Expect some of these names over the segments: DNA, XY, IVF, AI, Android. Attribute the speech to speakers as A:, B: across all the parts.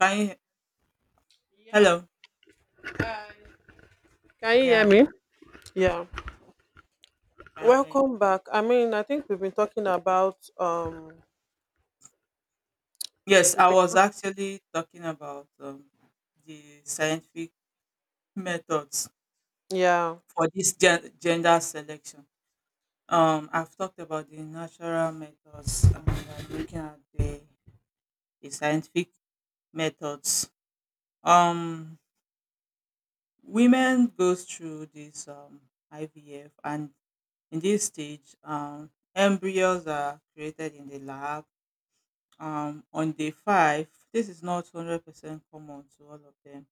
A: Can you?
B: Yeah.
A: Hello.
B: Hi. Can you hear
A: Yeah, well,
B: me? Yeah.
A: can hear you.
B: Welcome back. I think we've been talking about,
A: Yes,
B: we've
A: I
B: been
A: was actually talking about the scientific methods
B: yeah.
A: for this gender selection. I've talked about the natural methods and I'm looking at the scientific methods. Um, women goes through this IVF, and in this stage, embryos are created in the lab on day 5. This is not 100% common to all of them,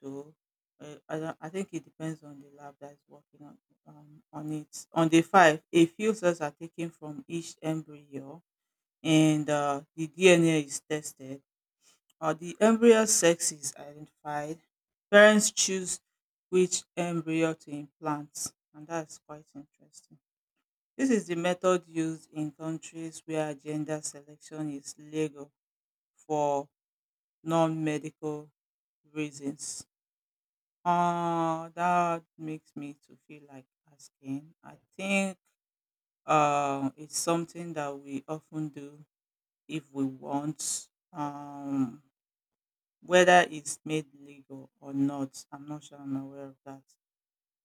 A: though. I, don't- I think it depends on the lab that is working on it. On day 5, a few cells are taken from each embryo and the DNA is tested. The embryo sex is identified. Parents choose which embryo to implant, and that's quite interesting. This is the method used in countries where gender selection is legal for non-medical reasons. That makes me to feel like asking. I think it's something that we often do if we want, whether it's made legal or not. I'm not sure I'm aware of that.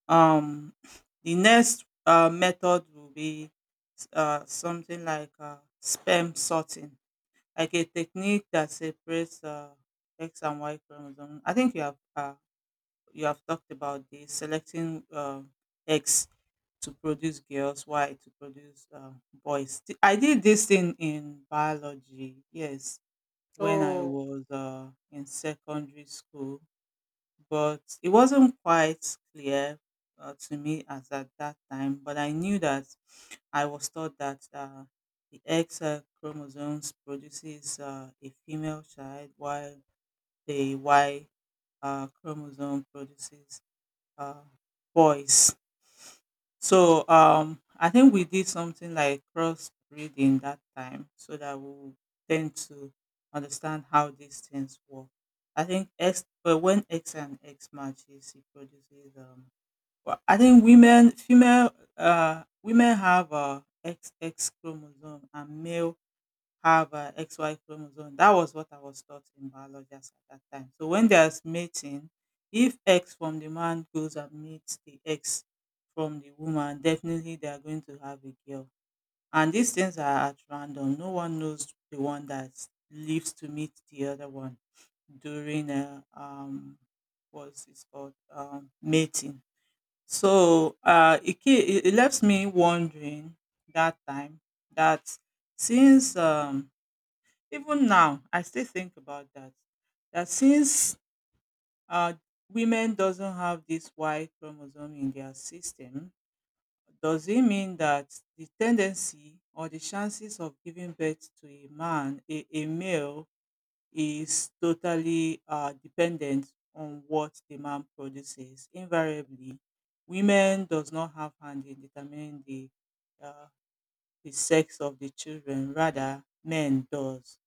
A: Um, the next method will be something like sperm sorting, like a technique that separates X and Y chromosome. I think you have talked about this selecting eggs to produce girls, Y to produce boys. I did this thing in biology, yes, when I
B: Oh.
A: was in secondary school, but it wasn't quite clear to me as at that time. But I knew that I was taught that the X chromosomes produces a female child, while the Y chromosome produces uh, boys. So I think we did something like crossbreeding that time, so that we would tend to understand how these things work. I think X, but when X and X matches, it produces. I think women, female, women have X X chromosome, and male have XY chromosome. That was what I was taught in biology as at that time. So when there's mating, if X from the man goes and meets the X from the woman, definitely they are going to have a girl. And these things are at random. No one knows the one that lives to meet the other one during a what's it called mating. So it left me wondering that time that since even now, I still think about that. That since uh, women doesn't have this Y chromosome in their system, does it mean that the tendency or the chances of giving birth to a man, a male, is totally dependent on what the man produces? Invariably, women does not have hand in determining uh, the sex of the children. Rather, men does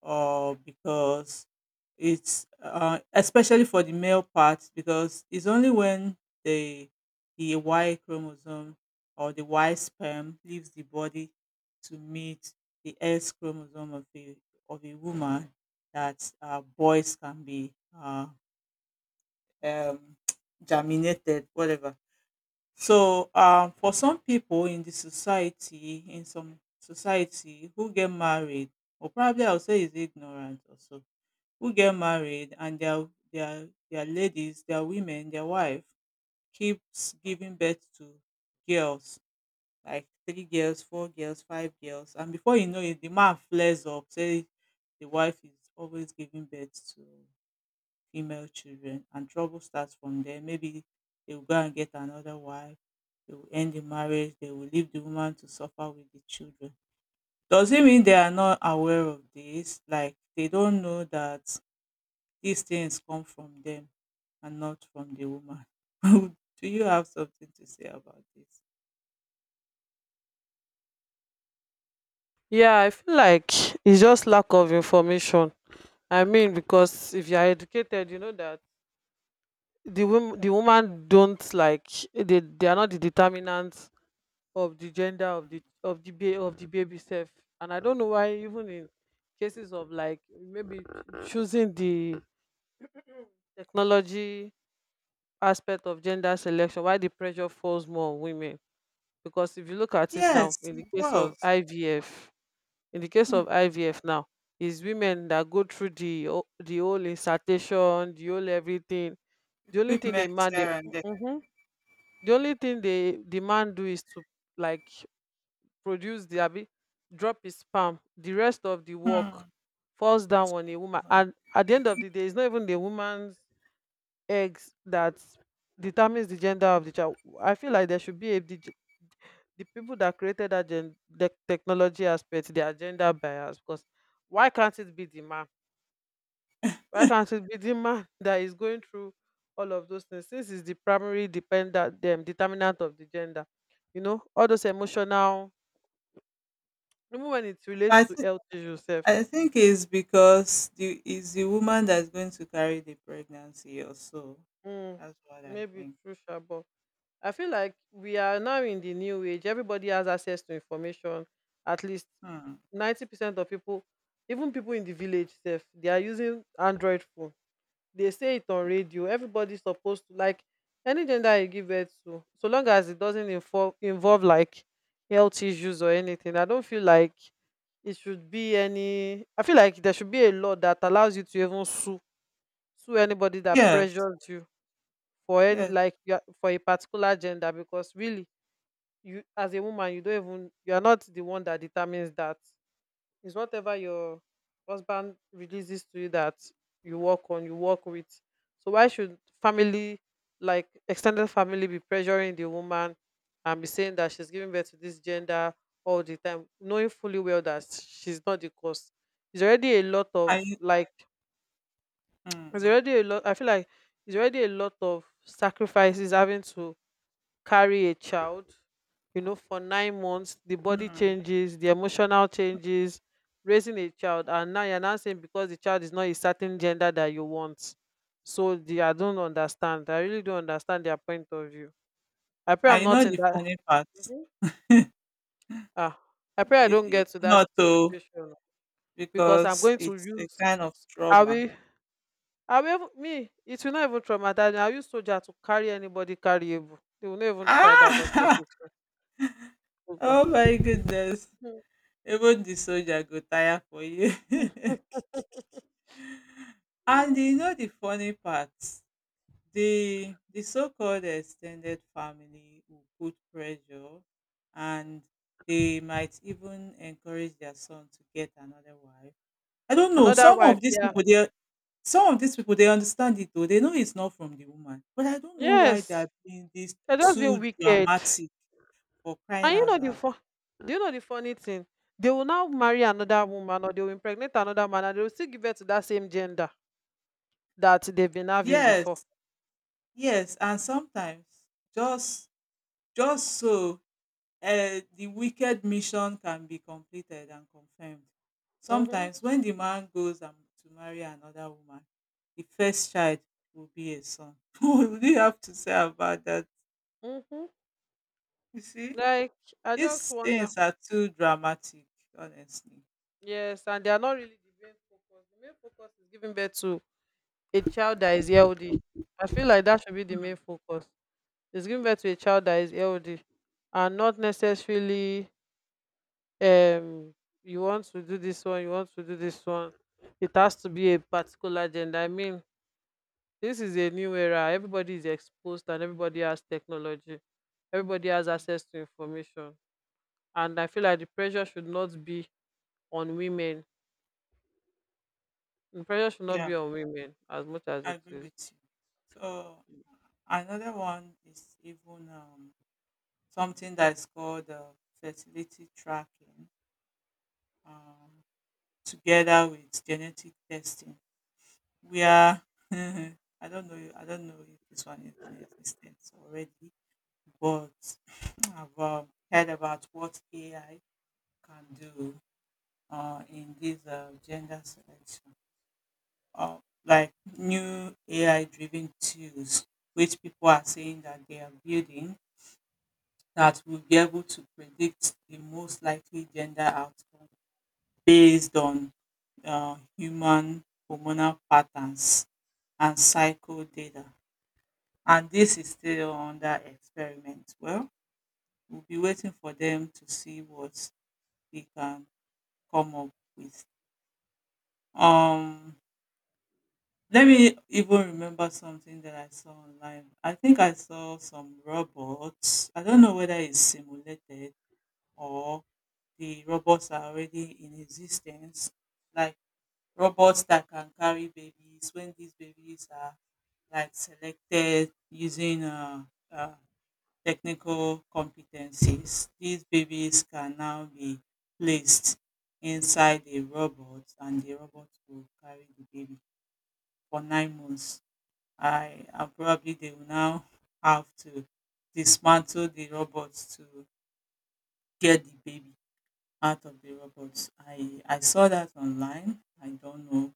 A: or because it's especially for the male part because it's only when the the Y chromosome or the Y sperm leaves the body to meet the X chromosome of a woman that boys can be um, germinated, whatever. So for some people in the society, in some society who get married, or probably I'll say is ignorant also who get married and their ladies, their women, their wife keeps giving birth to girls, like 3 girls, 4 girls, 5 girls, and before you know it, the man flares up, say the wife is always giving birth to female children, and trouble starts from there. Maybe they will go and get another wife. They will end the marriage. They will leave the woman to suffer with the children. Does it mean they are not aware of this? Like they don't know that these things come from them and not from the woman. Do you have something to say about this?
B: Yeah, I feel like it's just lack of information. I mean, because if you are educated, you know that the woman don't like, they are not the determinants of the gender
A: Hmm.
B: of the baby self. And I don't know why, even in cases of like maybe choosing the technology aspect of gender selection, why the pressure falls more on women, because if you look at it now
A: Yes,
B: in the
A: it
B: case of
A: does.
B: ivf in the case
A: Hmm.
B: of ivf now, is women that go through the whole insertion, the whole everything. The only thing a
A: Equipment
B: man they
A: here and there.
B: Mhm. The only thing the man do is to, like, produce the, abi, drop his sperm, the rest of the
A: Hmm.
B: work falls down
A: It's
B: on
A: from
B: a
A: the
B: woman,
A: woman.
B: and at the end of the day it's not even the woman's eggs that determines the gender of the child. I feel like there should be a the people that created that gen, the technology aspect, their gender bias. Because why can't it be the man? Why can't it be the man that is going through all of those things? Since it's the primary dependent, them determinant of the gender. You know, all those emotional, even when it relates
A: I
B: to
A: think
B: health issues, self.
A: I think it's because the is the woman that's going to carry the pregnancy or so.
B: Mm,
A: That's what I
B: maybe
A: think.
B: true, sha, but I feel like we are now in the new age. Everybody has access to information. At least
A: Hmm.
B: 90% of people, even people in the village self, they are using Android phone. They say it on radio. Everybody's supposed to, like, any gender you give birth to, so long as it doesn't involve, like, health issues or anything. I don't feel like it should be any, I feel like there should be a law that allows you to even sue anybody that
A: Yes,
B: pressures you for any
A: yes.
B: like you are- for a particular gender, because really you as a woman you don't even, you are not the one that determines that. It's whatever your husband releases to you that you work on, you work with. So why should family, like extended family, be pressuring the woman and be saying that she's giving birth to this gender all the time, knowing fully well that she's not the cause? It's already a lot of
A: I
B: like, it's
A: hmm.
B: already a lot, I feel like it's already a lot of sacrifices, having to carry a child, you know, for 9 months. The body
A: Hmm.
B: changes, the emotional changes, raising a child, and now you're now saying because the child is not a certain gender that you want. So the I don't understand, I really don't understand their point of view. I pray I'm
A: I know
B: not in
A: the
B: that.
A: funny part.
B: Mhm. Ah, I pray I
A: You
B: don't
A: you
B: get
A: will
B: to that
A: not oh.
B: situation, because I'm
A: Because
B: going to
A: it's a
B: use,
A: kind of
B: i
A: trauma.
B: will I will even- me, it will not even traumatize me. I use soldier to carry anybody carryable, they will not even try that nonsense.
A: Ah!
B: Oh god.
A: Oh my goodness. Even the soldier go tire for you. And you know the funny part, the so-called extended family will put pressure and they might even encourage their son to get another wife. I don't know.
B: Another wife, yeah.
A: Some of these people they understand it though. They know it's not from the woman, but I don't know why they
B: Yes.
A: are being this
B: They're just being
A: too
B: wicked.
A: dramatic for crying
B: And you
A: out
B: know the
A: loud.
B: fun, do you know the funny thing? They will now marry another woman, or they will impregnate another man, and they will still give birth to that same gender that they've been having before.
A: Yes, yes, and sometimes just just so the wicked mission can be completed and confirmed.
B: Mm-hmm.
A: Sometimes when the man goes and to marry another woman, the first child will be a son. What do you have to say about that?
B: Mm-hmm.
A: You see?
B: Like, I just
A: These
B: wonder.
A: things are too dramatic, honestly.
B: Yes, and they are not really the main focus. The main focus is giving birth to a child that is healthy. I feel like that should be the main
A: Mm,
B: focus. Is giving birth to a child that is healthy and not necessarily, um you want to do this one, it has to be a particular gender. I mean, this is a new era, everybody is exposed and everybody has technology, everybody has
A: mm.
B: access to information. And I feel like the pressure should not be on women, the pressure should not
A: Yeah,
B: be on women as much as
A: I
B: it
A: agree
B: is.
A: with you. So another one is even something that is called fertility tracking, um, together with genetic testing. We are I don't know if this one is in existence already, but I've heard about what AI can do in this gender selection. uh, like new AI driven tools, which people are saying that they are building that will be able to predict the most likely gender outcome based on human hormonal patterns and cycle data. And this is still under experiment. Well, we'll be waiting for them to see what they can come up with. Um, Let me even remember something that I saw online. I think I saw some robots. I don't know whether it's simulated or the robots are already in existence, like robots that can carry babies when these babies are like selected using uh, technical competencies. These babies can now be placed inside a robot and the robot will carry the baby for 9 months I and probably they will now have to dismantle the robots to get the baby out of the robots. I saw that online. I don't know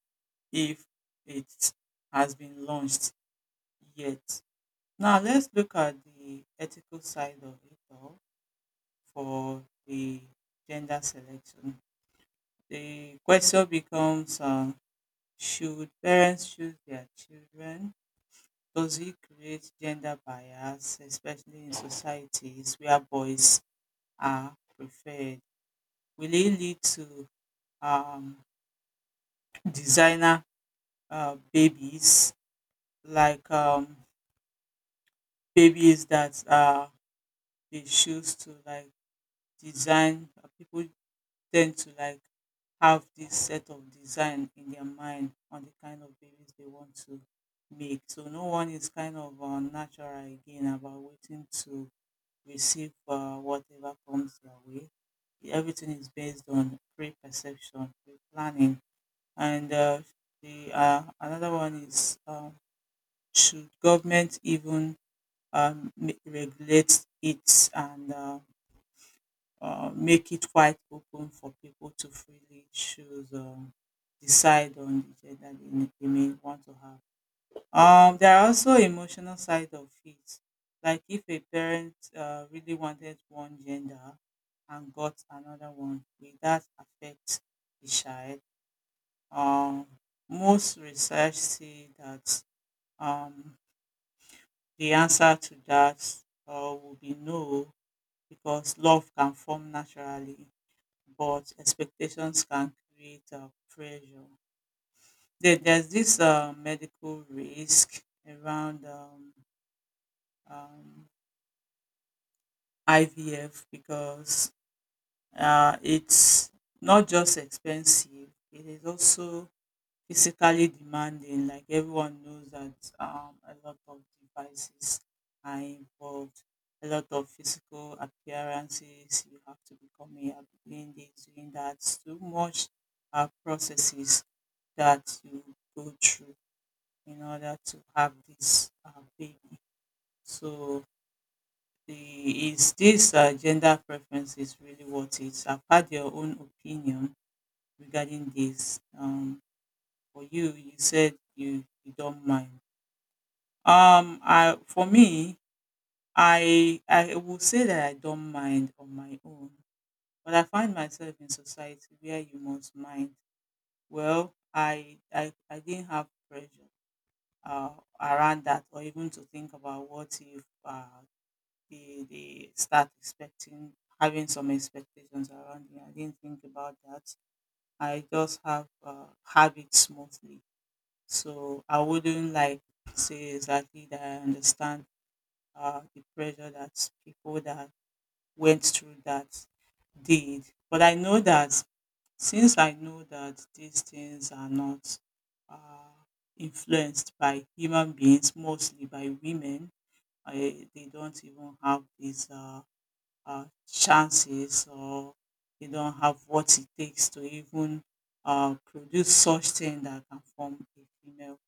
A: if it has been launched yet. Now let's look at the ethical side of it all for the gender selection. The question becomes: should parents choose their children? Does it create gender bias, especially in societies where boys are preferred? Will it lead to um, designer babies, like babies that they choose to like design? People tend to like have this set of design in their mind on the kind of babies they want to make. So no one is kind of natural again about waiting to receive whatever comes their way. Everything is based on pre-perception, pre-planning, and the another one is should government even regulate it and make it quite open for people to freely choose, decide on the gender they may want to have. There are also emotional side of it. Like if a parent really wanted one gender and got another one, will that affect the child? Um, Most research say that um, the answer to that uh, will be no, because love can form naturally, but expectations can create pressure. There's this medical risk around um, IVF because it's not just expensive, it is also physically demanding. Like everyone knows that a lot of devices are involved, a lot of physical appearances. You have to become a doing this, doing that. So much processes that you go through in order to have this baby. So the is this gender preference is really worth it? I've had your own opinion regarding this, for you, you said you don't mind. I for me, I will say that I don't mind on my own, but I find myself in society where you must mind. Well, I didn't have pressure uh, around that, or even to think about what if they start expecting having some expectations around me. I didn't think about that. I just have it smoothly. So I wouldn't like say exactly that I understand the pressure that people that went through that did. But I know that since I know that these things are not uh, influenced by human beings, mostly by women, they don't even have these chances or you don't have what it takes to even produce such thing that can form a female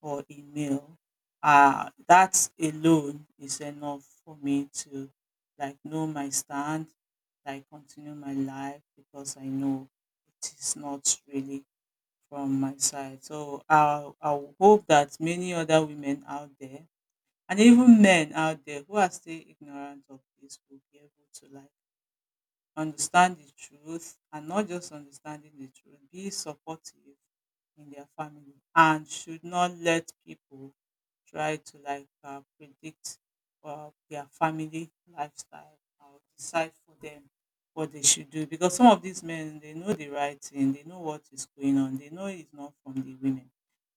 A: or a male. That alone is enough for me to like know my stand, like continue my life because I know it is not really from my side. So I hope that many other women out there and even men out there who are still ignorant of this will be able to like understand the truth, and not just understanding the truth, be supportive in their family, and should not let people try to predict their family lifestyle or decide for them what they should do, because some of these men, they know the right thing, they know what is going on, they know it's not from the women.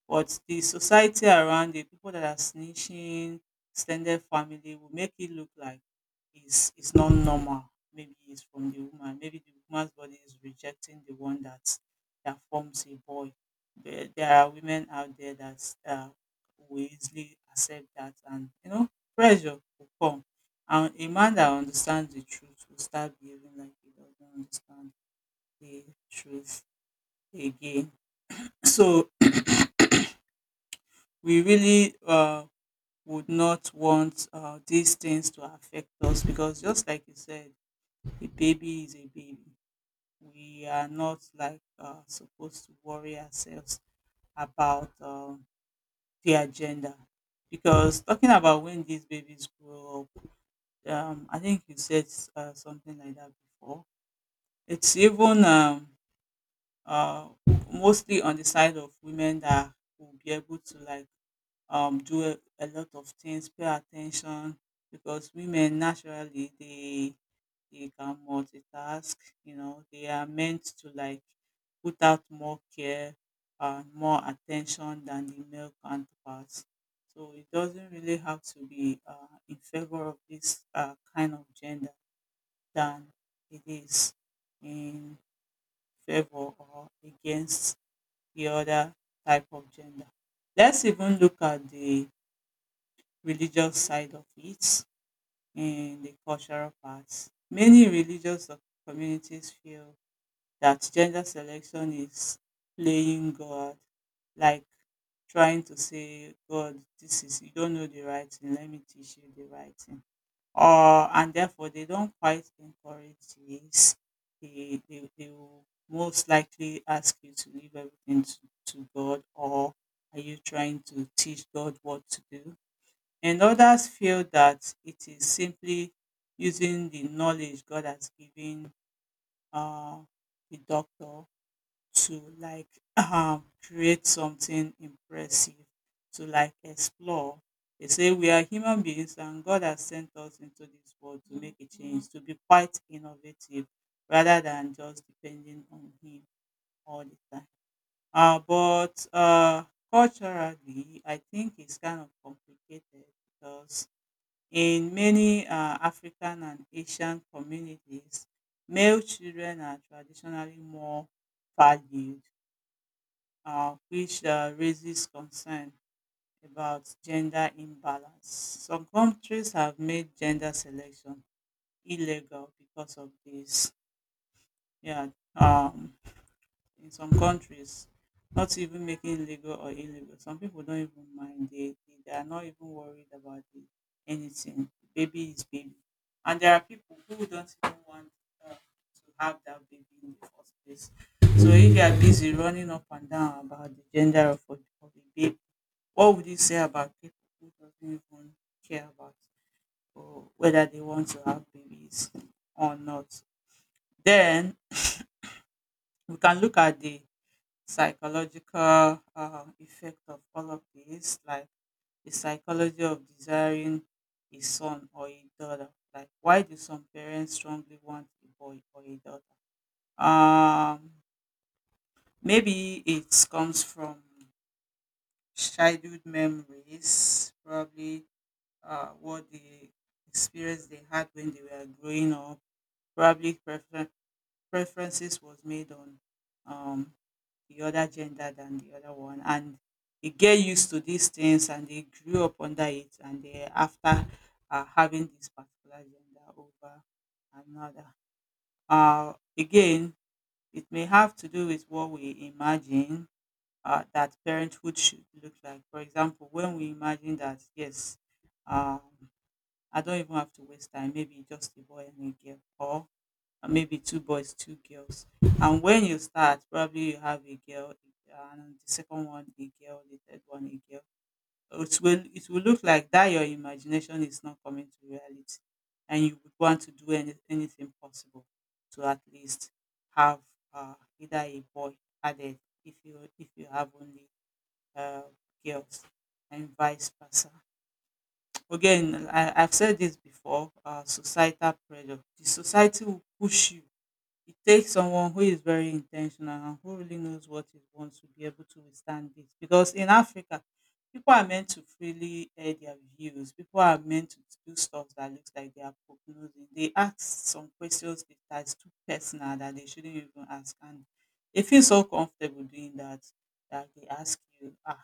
A: But the society around it, people that are snitching, extended family will make it look like it's not normal. Maybe it's from the woman. Maybe the woman's body is rejecting the one that forms a boy. There are women out there that will easily accept that, and you know, pressure will come. And a man that understands the truth will start behaving like he doesn't understand the truth again. So we really would not want these things to affect us, because just like you said, a baby is a baby. We are not like supposed to worry ourselves about their gender. Because talking about when these babies grow up, I think you said something like that before, it's even uh, mostly on the side of women that will be able to do a lot of things, pay attention, because women naturally, they can multitask. You know, they are meant to like put out more care and more attention than the male counterparts. So it doesn't really have to be in favor of this kind of gender than it is in favor or against the other type of gender. Let's even look at the religious side of it and the cultural part. Many religious communities feel that gender selection is playing God, like trying to say, God, this is, you don't know the right thing, let me teach you the right thing. Or, and therefore, they don't quite encourage this. They will most likely ask you to leave everything to God, or are you trying to teach God what to do? And others feel that it is simply using the knowledge God has given uh, the doctor to like create something impressive, to like explore. They say we are human beings and God has sent us into this world to make a change, to be quite innovative rather than just depending on Him all the time. But Culturally, I think it's kind of complicated, because in many African and Asian communities, male children are traditionally more valued, which raises concern about gender imbalance. Some countries have made gender selection illegal because of this. Yeah, um, in some countries, not even making legal or illegal, some people don't even mind. They are not even worried about the anything. Baby is baby. And there are people who don't even want to have that baby in the first place. So if you are busy running up and down about the gender of of a baby, what would you say about people who doesn't even care about, or whether they want to have babies or not. Then we can look at the psychological effect of all of this, like the psychology of desiring a son or a daughter. Like, why do some parents strongly want a boy or a daughter? Um, Maybe it comes from childhood memories, probably what the experience they had when they were growing up, probably prefer- preferences was made on um, the other gender than the other one, and they get used to these things and they grew up under it, and they after having this particular gender over another. Again, it may have to do with what we imagine that parenthood should look like. For example, when we imagine that yes, um, I don't even have to waste time, maybe just a boy and a girl, or maybe two boys, two girls. And when you start, probably you have a girl, and the second one a girl, the third one a girl. It will look like that your imagination is not coming to reality, and you would want to do anything possible to at least have either a boy added, if you have only uh, girls, and vice versa. Again, I've said this before. Societal pressure. The society will push you. It takes someone who is very intentional and who really knows what he wants to be able to withstand this. Because in Africa, people are meant to freely air their views. People are meant to do stuff that looks like they are prognosing. They ask some questions that's too personal that they shouldn't even ask. And they feel so comfortable doing that, that they ask you, ah,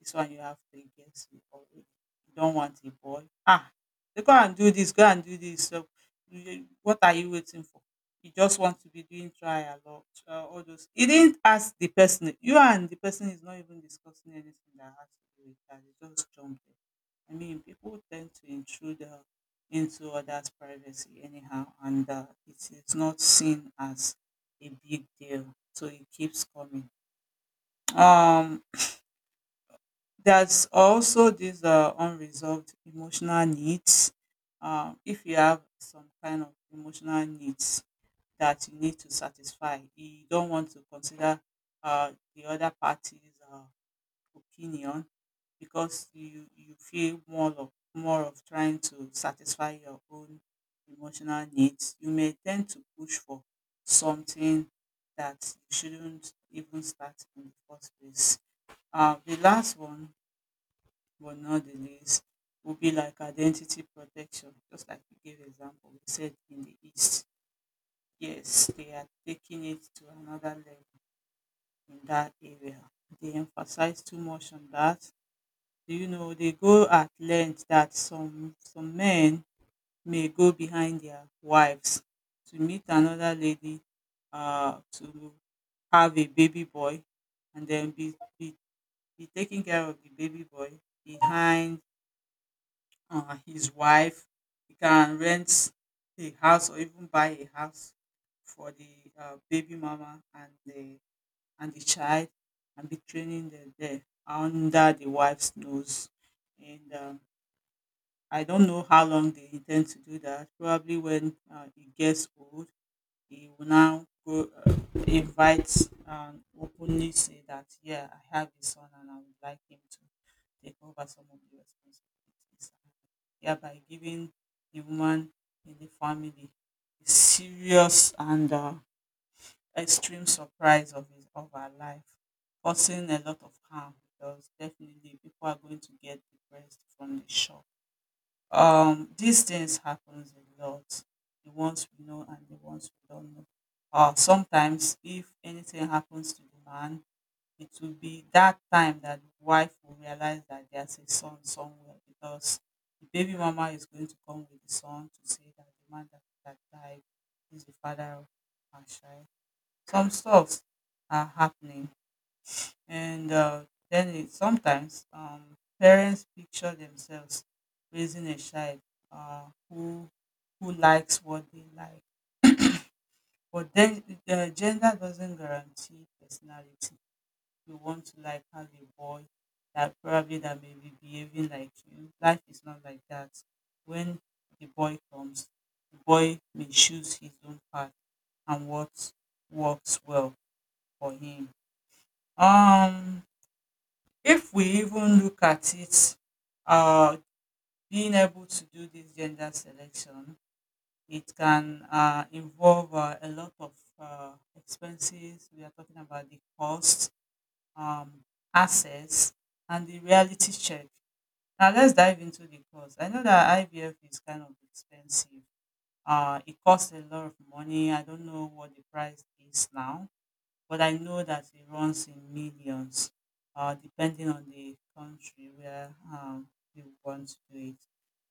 A: this one you have to guess it already. You don't want a boy. Ah, they go and do this, go and do this. So, you- what are you waiting for? You just want to be doing trial or trial, all those. You didn't ask the person. You and the person is not even discussing anything that has to do with that. You just jumped in. I mean, people tend to intrude into others' privacy anyhow, and it is not seen as a big deal, so it keeps coming. Um, there's also these unresolved emotional needs. If you have some kind of emotional needs that you need to satisfy, you don't want to consider the other party's opinion, because you feel more of trying to satisfy your own emotional needs. You may tend to push for something that you shouldn't even start in the first place. The last one but nowadays would be like identity protection, just like you gave example, we said in the East. Yes, they are taking it to another level in that area. They emphasize too much on that. You know, they go at length that some men may go behind their wives to meet another lady, to have a baby boy, and then be taking care of the baby boy behind his wife. He can rent a house or even buy a house for the baby mama and the child, and be training them there under the wife's nose. And I don't know how long they intend to do that. Probably when it gets old, he will now go invite and openly say that, yeah, I have a son and I would like him to take over some of the responsibilities, thereby giving the woman in the family a serious and extreme surprise of his of her life, causing a lot of harm, because definitely people are going to get depressed from the shock. These things happens a lot, the ones we know and the ones we don't know. Sometimes if anything happens to the man, it will be that time that the wife will realize that there's a son somewhere, because the baby mama is going to come with the son to say that the man that died is the father of her child. Some stuff are happening. And then it, sometimes parents picture themselves raising a child uh, who who likes what they like, but then the gender doesn't guarantee personality. You want to like have a boy that probably that may be behaving like you. Life is not like that. When the boy comes, the boy may choose his own path and what works well for him. Um, If we even look at it, uh, being able to do this gender selection, it can involve a lot of expenses. We are talking about the cost, um, access, and the reality check. Now let's dive into the cost. I know that IVF is kind of expensive. It costs a lot of money. I don't know what the price is now, but I know that it runs in millions, depending on the country where you want to do it.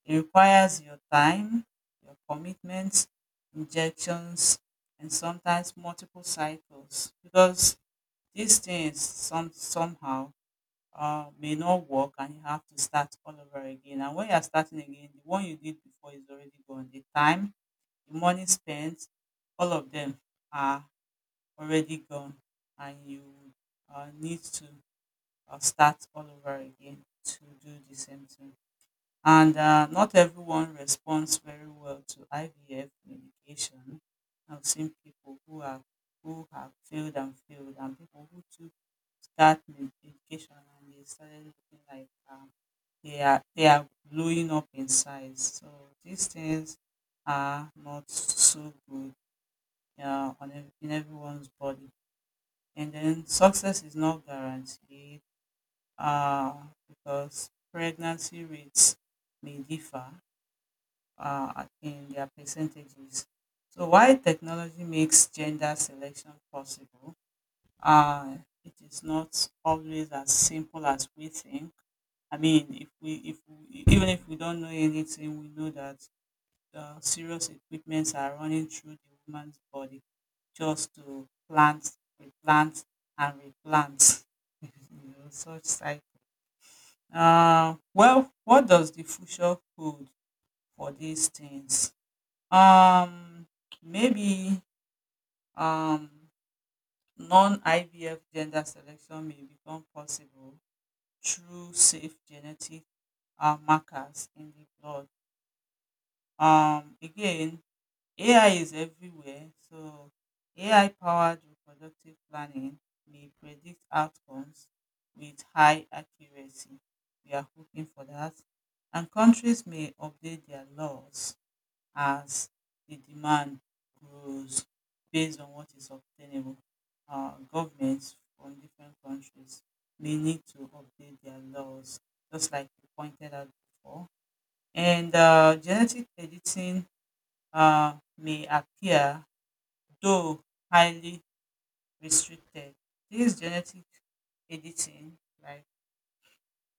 A: It requires your time, your commitment, injections, and sometimes multiple cycles, because these things somehow may not work and you have to start all over again. And when you are starting again, the one you did before is already gone. The time, the money spent, all of them are already gone, and you need to start all over again to do the same thing. And not everyone responds very well to IVF medication. I've seen people who have failed and failed, and people who took medication and they started looking like they are blowing up in size. So these things are not so good in everyone's body. And then success is not guaranteed uh, because pregnancy rates may differ in their percentages. So, while technology makes gender selection possible, uh, it is not always as simple as we think. I mean, if we, even if we don't know anything, we know that serious equipments are running through the woman's body just to plant, replant, and replant. You know, such cycle. Well, what does the future hold for these things? Um, Maybe um, non-IVF gender selection may become possible through safe genetic markers in the blood. Again, AI is everywhere, so AI powered reproductive planning may predict outcomes with high accuracy. We are hoping for that. And countries may update their laws as the demand grows based on what is obtainable. Governments from different countries may need to update their laws, just like you pointed out before. And genetic editing may appear, though highly restricted. This genetic editing, like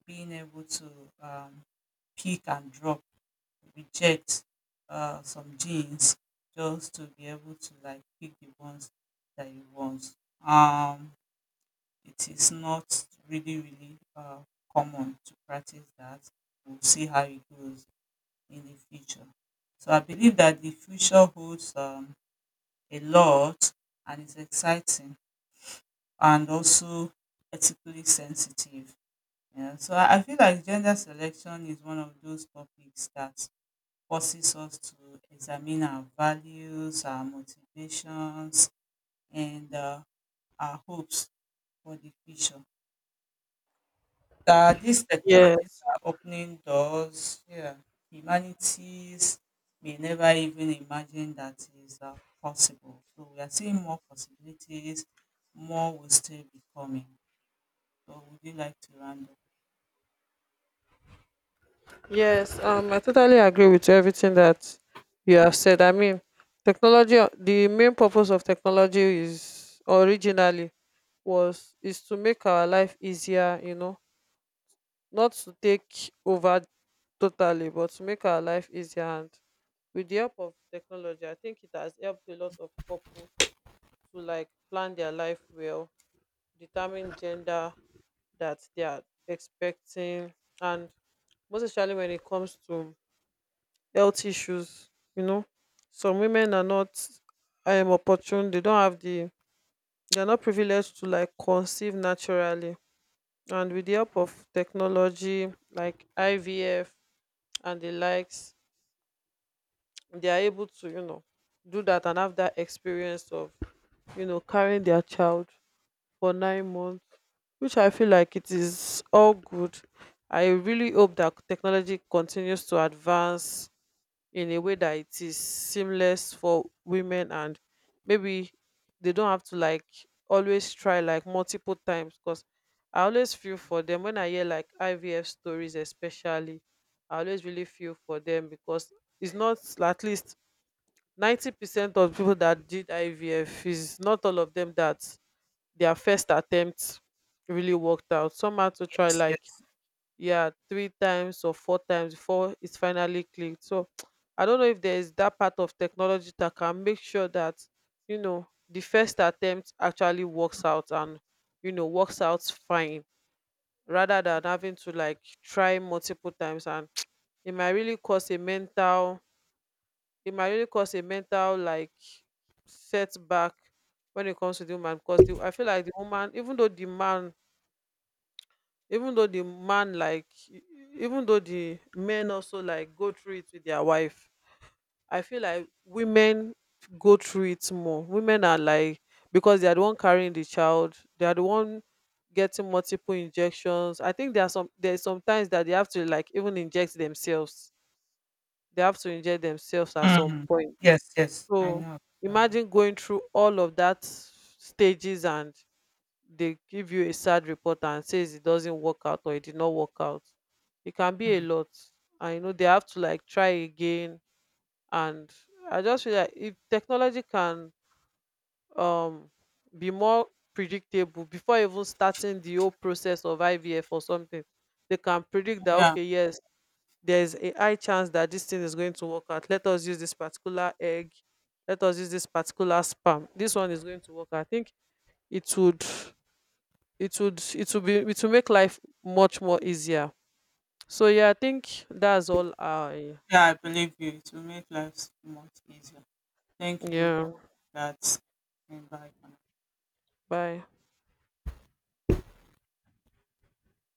A: being able to um, pick and drop, reject some genes, just to be able to like pick the ones that you want. Um, it is not really common to practice that. We'll see how it goes in the future. So I believe that the future holds a lot, and it's exciting and also ethically sensitive. Yeah. So I feel like gender selection is one of those topics that forces us to examine our values, our motivations, and our hopes for the future. That these technologies
B: Yes.
A: are opening doors, yeah, humanities may never even imagine that is possible. So we are seeing more possibilities, more will still be coming. So would you like to round up?
B: Yes, I totally agree with everything that you have said. I mean, technology, the main purpose of technology is originally was is to make our life easier, you know, not to take over totally, but to make our life easier. And with the help of technology, I think it has helped a lot of couples to, like, plan their life well, determine gender that they are expecting, and most especially when it comes to health issues, you know. Some women are not, opportune, they don't have the, they are not privileged to, like, conceive naturally. And with the help of technology like IVF and the likes, they are able to, you know, do that and have that experience of, you know, carrying their child for 9 months, which I feel like it is all good. I really hope that technology continues to advance in a way that it is seamless for women, and maybe they don't have to, like, always try, like, multiple times. Because I always feel for them when I hear, like, IVF stories especially. I always really feel for them, because it's not, at least 90% of people that did IVF, is not all of them that their first attempt really worked out. Some had to try,
A: Yes,
B: like,
A: yes.
B: yeah, three times or four times before it finally clicked. So I don't know if there is that part of technology that can make sure that, you know, the first attempt actually works out, and, you know, works out fine, rather than having to, like, try multiple times. And it might really cause a mental, like, setback, when it comes to the woman, because the, I feel like the woman, even though the man, like e- e- even though the men also, like, go through it with their wife, I feel like women go through it more. Women are like, because they are the one carrying the child, they are the one getting multiple injections. I think there are some, there's sometimes that they have to, like, even inject themselves. They have to inject themselves at some
A: Mm.
B: point.
A: Yes, yes. I
B: So
A: know. That one.
B: imagine going through all of that stages, and they give you a sad report and says it doesn't work out, or it did not work out. It can be a
A: Mm.
B: lot. I know they have to, like, try again. And I just feel like if technology can, um be more predictable before even starting the whole process of ivf or something, they can predict that,
A: Yeah,
B: okay, yes, there's a high chance that this thing is going to work out. Let us use this particular egg, let us use this particular sperm, this one is going to work. I think it would, it would it would be it will make life much more easier. So yeah, I think that's all. I
A: yeah, I believe you. It will make lives much easier. Thank you for
B: yeah.
A: that invite.
B: Bye.